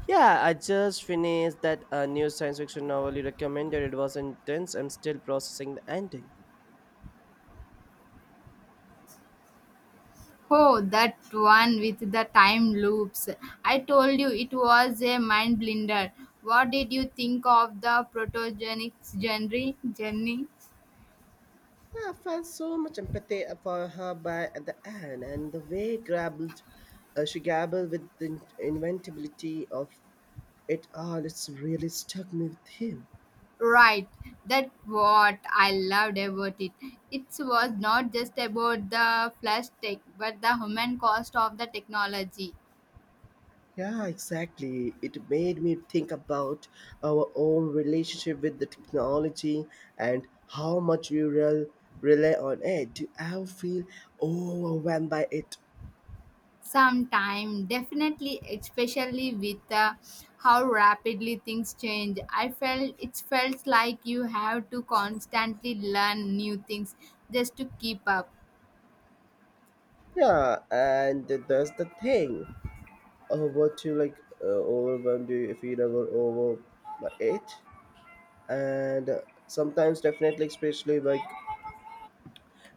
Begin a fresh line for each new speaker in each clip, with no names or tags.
Yeah, I just finished that new science fiction novel you recommended. It was intense. I'm still processing the ending.
Oh, that one with the time loops. I told you it was a mind blinder. What did you think of the protogenic genre? Jenny?
I felt so much empathy for her by at the end, and the way she grappled with the inventability of it all. It's really stuck me with him.
Right, that what I loved about it. It was not just about the flash tech, but the human cost of the technology.
Yeah, exactly. It made me think about our own relationship with the technology and how much we rely on it. Do I feel overwhelmed by it?
Sometime definitely, especially with how rapidly things change. I felt it felt like you have to constantly learn new things just to keep up.
Yeah, and that's the thing. What you like overwhelmed? Do you feel over by it? And Sometimes, definitely, especially like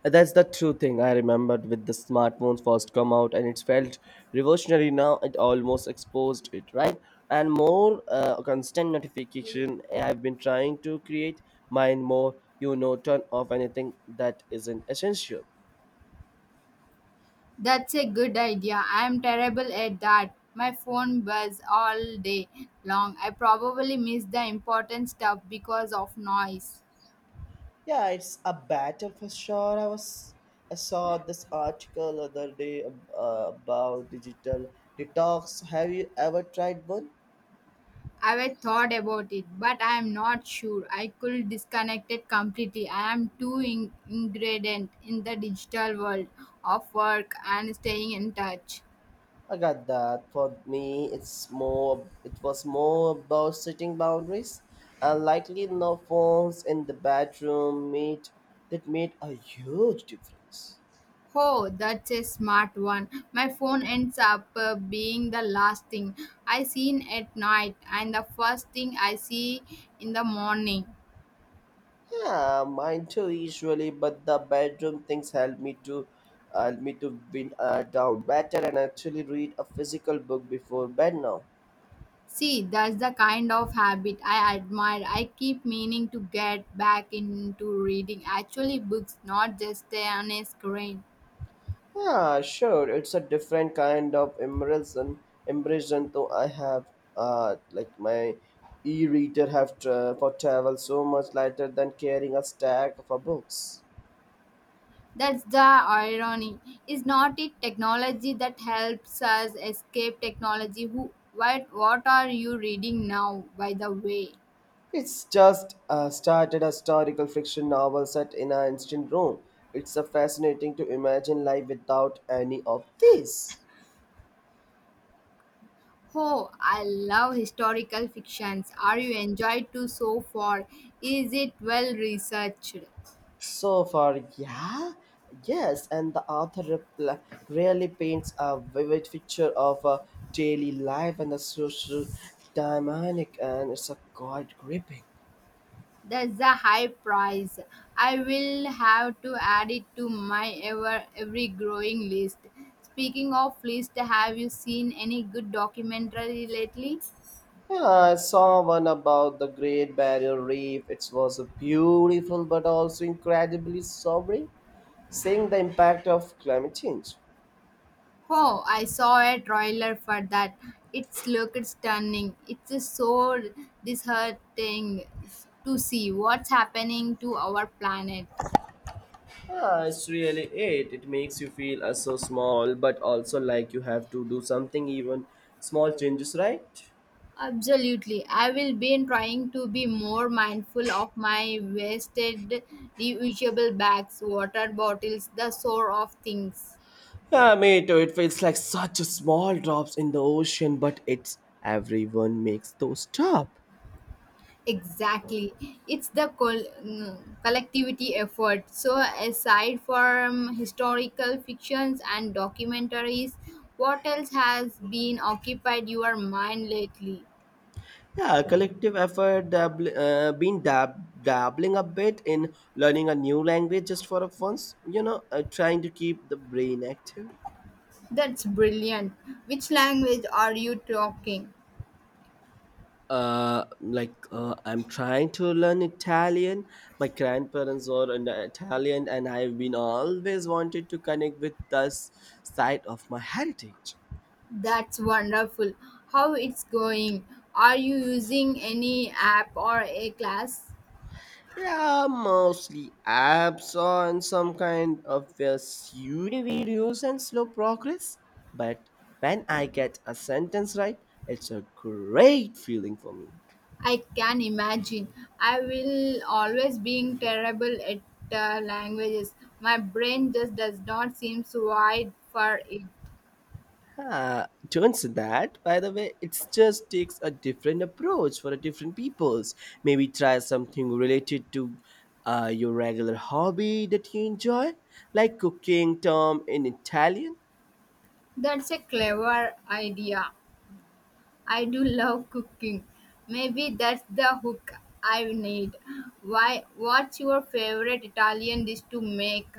That's the true thing I remembered with the smartphones first come out, and it felt revolutionary, now it almost exposed it, right? And more constant notification. I've been trying to create mine more, you know, turn off anything that isn't essential.
That's a good idea. I am terrible at that. My phone buzz all day long. I probably miss the important stuff because of noise.
Yeah, it's a battle for sure. I saw this article other day about digital detox. Have you ever tried one?
I've thought about it, but I'm not sure. I could disconnect it completely. I am too ingredient in the digital world of work and staying in touch.
I got that. For me, it's more. It was more about setting boundaries, and likely no phones in the bedroom. Made That made a huge difference.
Oh, that's a smart one. My phone ends up being the last thing I seen at night and the first thing I see in the morning.
Yeah, mine too usually, but the bedroom things help me to wind down better, and actually read a physical book before bed now.
See, that's the kind of habit I admire. I keep meaning to get back into reading actually books, not just stay on a screen.
Yeah, sure. It's a different kind of immersion though I have. Like my e-reader have for travel, so much lighter than carrying a stack of books.
That's the irony. Is not it technology that helps us escape technology? Who what are you reading now, by the way?
It's just started a historical fiction novel set in an ancient Rome. It's fascinating to imagine life without any of this.
Oh, I love historical fictions. Are you enjoyed to so far? Is it well researched?
So far, yeah, yes, and the author really paints a vivid picture of a daily life and the social dynamic, and it's a quite gripping.
That's a high price. I will have to add it to my every growing list. Speaking of list, have you seen any good documentary lately?
Yeah, I saw one about the Great Barrier Reef. It was a beautiful but also incredibly sobering, seeing the impact of climate change.
Oh, I saw a trailer for that. It looked stunning. It's just so disheartening to see what's happening to our planet.
Ah, it's really it. It makes you feel so small, but also like you have to do something, even small changes, right?
Absolutely. I will be trying to be more mindful of my wasted, reusable bags, water bottles, the sort of things.
Ah, mate, it feels like such a small drops in the ocean, but it's everyone makes those stop.
Exactly. It's the collectivity effort. So, aside from historical fictions and documentaries, what else has been occupied your mind lately?
Yeah, collective effort, dabbling a bit in learning a new language just for a once, you know, trying to keep the brain active.
That's brilliant. Which language are you talking?
I'm trying to learn Italian. My grandparents are an Italian, and I've been always wanted to connect with this side of my heritage.
That's wonderful. How it's going? Are you using any app or a class?
Yeah, mostly apps on some kind of pseudo videos and slow progress. But when I get a sentence right, it's a great feeling for me.
I can imagine. I will always being terrible at languages. My brain just does not seem so wide for it.
Ah, turns that, by the way, it just takes a different approach for a different peoples. Maybe try something related to your regular hobby that you enjoy, like cooking, Tom, in Italian.
That's a clever idea. I do love cooking. Maybe that's the hook I need. Why? What's your favorite Italian dish to make?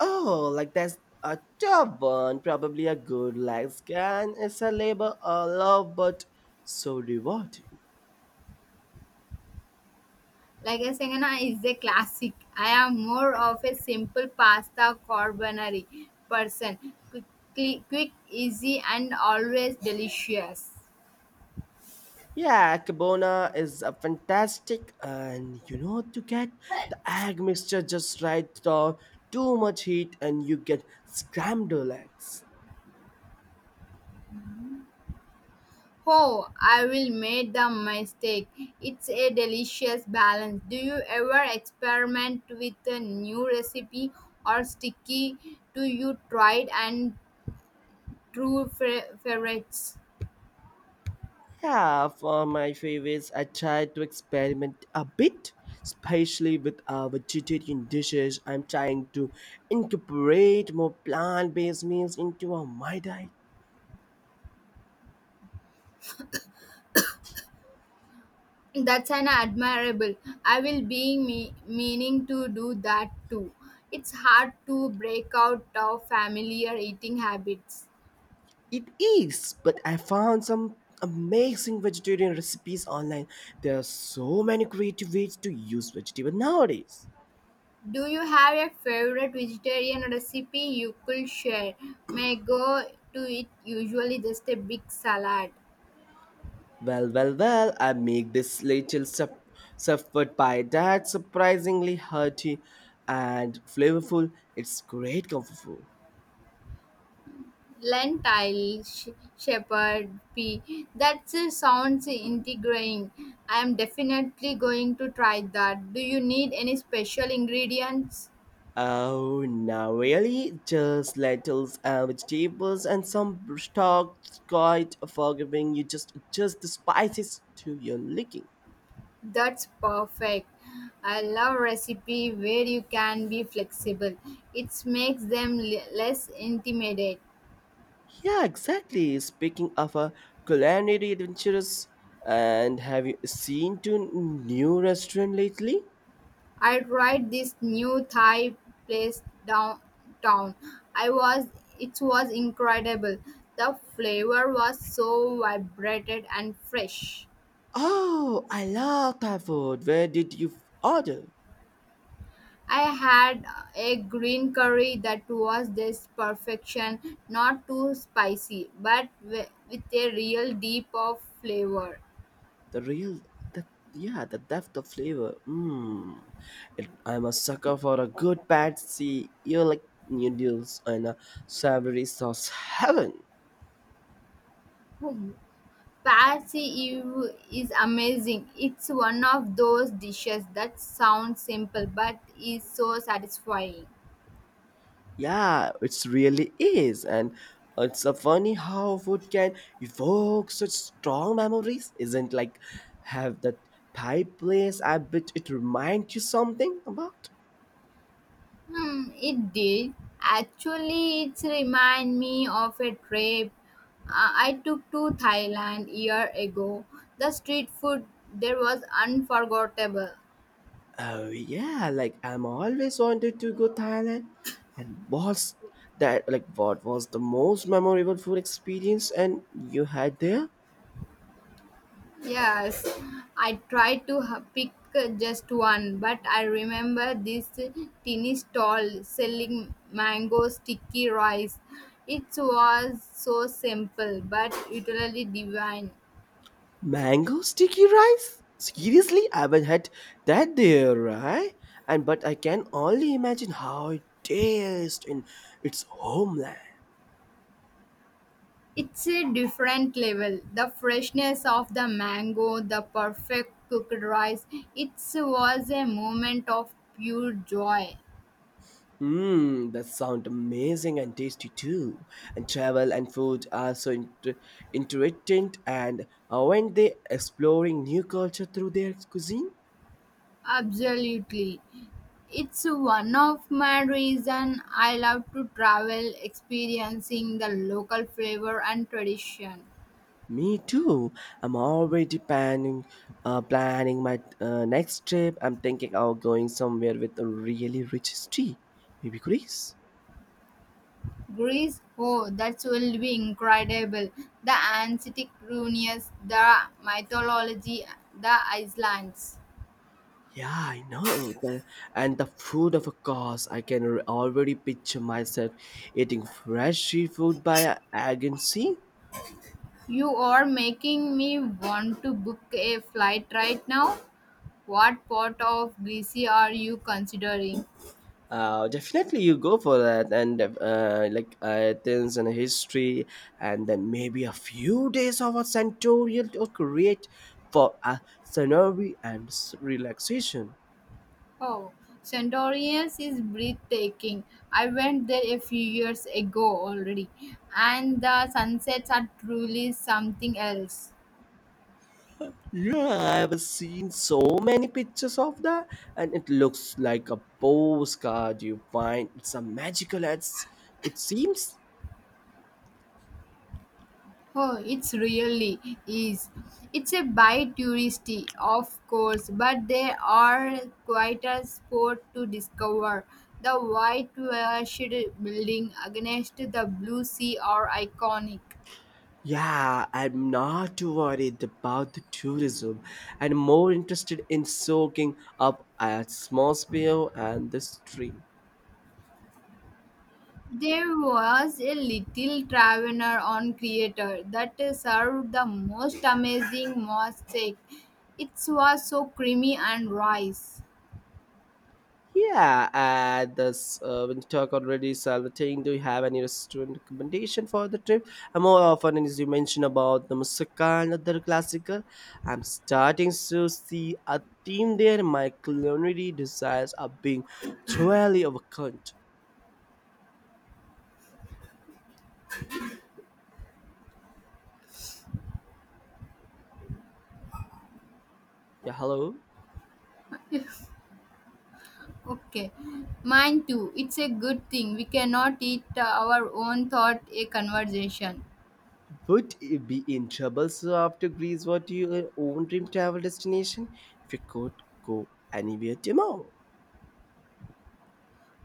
Oh, like that's a tough one. Probably a good leg scan. It's a labor of love, but so rewarding.
Like I a na is a classic. I am more of a simple pasta carbonara person. Quick, easy, and always delicious.
Yeah, Cabona is a fantastic, and you know to get the egg mixture just right. Or too much heat, and you get scrambled eggs.
Oh, I will make the mistake. It's a delicious balance. Do you ever experiment with a new recipe or sticky to you tried and true favorites?
Yeah, for my favorites, I try to experiment a bit, especially with vegetarian dishes. I'm trying to incorporate more plant-based meals into my diet.
That's an admirable. I will be meaning to do that too. It's hard to break out of familiar eating habits.
It is, but I found some amazing vegetarian recipes online. There are so many creative ways to use vegetables nowadays.
Do you have a favorite vegetarian recipe you could share? May go to it usually just a big salad.
Well, I make this little suffered pie that's surprisingly hearty and flavorful. It's great comfort food.
Lentil, shepherd, pea. That sounds integrating. I am definitely going to try that. Do you need any special ingredients?
Oh, no, really? Just lentils and vegetables and some stock's quite forgiving. You just adjust the spices to your liking.
That's perfect. I love recipe where you can be flexible. It makes them less intimidated.
Yeah, exactly. Speaking of a culinary adventures, and have you seen to new restaurant lately?
I tried this new Thai place downtown. I was It was incredible. The flavor was so vibrant and fresh.
Oh, I love Thai food. Where did you order?
I had a green curry that was this perfection, not too spicy, but with a real deep of flavor.
The real the Yeah, the depth of flavor. Hmm, it, I'm a sucker for a good patsy, you like noodles and a savory sauce, heaven.
Hmm. Patsy Ew is amazing. It's one of those dishes that sounds simple but is so satisfying.
Yeah, it's really is, and it's a funny how food can evoke such strong memories, isn't, like, have that Thai place, I bet it reminds you something about.
Hmm, it did. Actually, it remind me of a trip uh, I took to Thailand year ago. The street food there was unforgettable.
Oh yeah, like I'm always wanted to go Thailand, and what's that like? What was the most memorable food experience and you had there?
Yes, I tried to pick just one, but I remember this tiny stall selling mango sticky rice. It was so simple but utterly divine.
Mango sticky rice? Seriously, I haven't had that there, right? And but I can only imagine how it tastes in its homeland.
It's a different level. The freshness of the mango, the perfect cooked rice. It was a moment of pure joy.
Mmm, that sounds amazing and tasty too. And travel and food are so interesting. And aren't they exploring new culture through their cuisine,
Absolutely. It's one of my reason I love to travel experiencing the local flavor and tradition.
me too. I'm already planning my next trip. I'm thinking of going somewhere with a really rich history, maybe Greece.
Greece, oh, that will be incredible. The ancient ruins, the mythology, the islands.
Yeah, I know. The, and the food, of course, I can already picture myself eating fresh seafood by Agency.
You are making me want to book a flight right now. What part of Greece are you considering?
Definitely, you go for that, and like Athens and history, and then maybe a few days of a centurial to create for a scenery and relaxation.
Oh, Santorinus is breathtaking. I went there a few years ago already, and the sunsets are truly something else.
Yeah, I have seen so many pictures of that, and it looks like a postcard you find. It's a magical. It's, it seems.
Oh, it's really is. It's a by touristy, of course, but there are quite a spot to discover. The white washed building against the blue sea are iconic.
Yeah, I'm not too worried about the tourism and more interested in soaking up atmosphere and the stream.
There was a little traveler on Creator that served the most amazing mosaic. It was so creamy and rice.
Yeah, and this when you talk already, Salvatine, do you have any restaurant recommendation for the trip? And more often, as you mentioned about the Musaka and other classical, I'm starting to see a theme there. My culinary desires are being thoroughly overcome. Yeah, hello.
Okay, mine too. It's a good thing we cannot eat our own thought a conversation.
Would you be in trouble so after Greece? What do your own dream travel destination? If you could go anywhere tomorrow,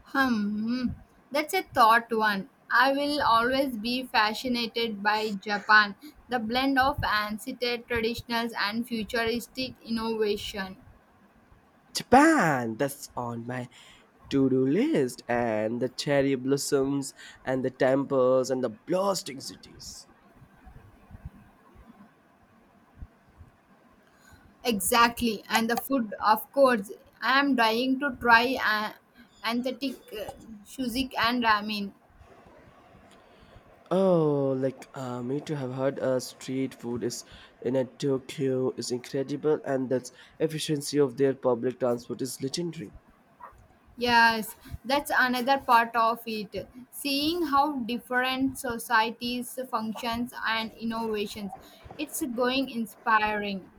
Hmm, hmm. That's a thought one. I will always be fascinated by Japan, the blend of ancient traditionals and futuristic innovation.
Japan. That's on my to-do list. And the cherry blossoms, and the temples, and the blasting cities.
Exactly, and the food, of course. I am dying to try authentic shuzik and ramen.
Oh, like me too. Have heard street food is in a Tokyo is incredible, and the efficiency of their public transport is legendary.
Yes, that's another part of it. Seeing how different societies functions and innovations, it's going inspiring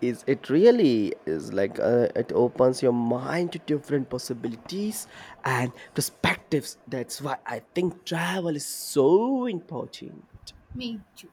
Is it really is, like it opens your mind to different possibilities and perspectives. That's why I think travel is so important.
me too.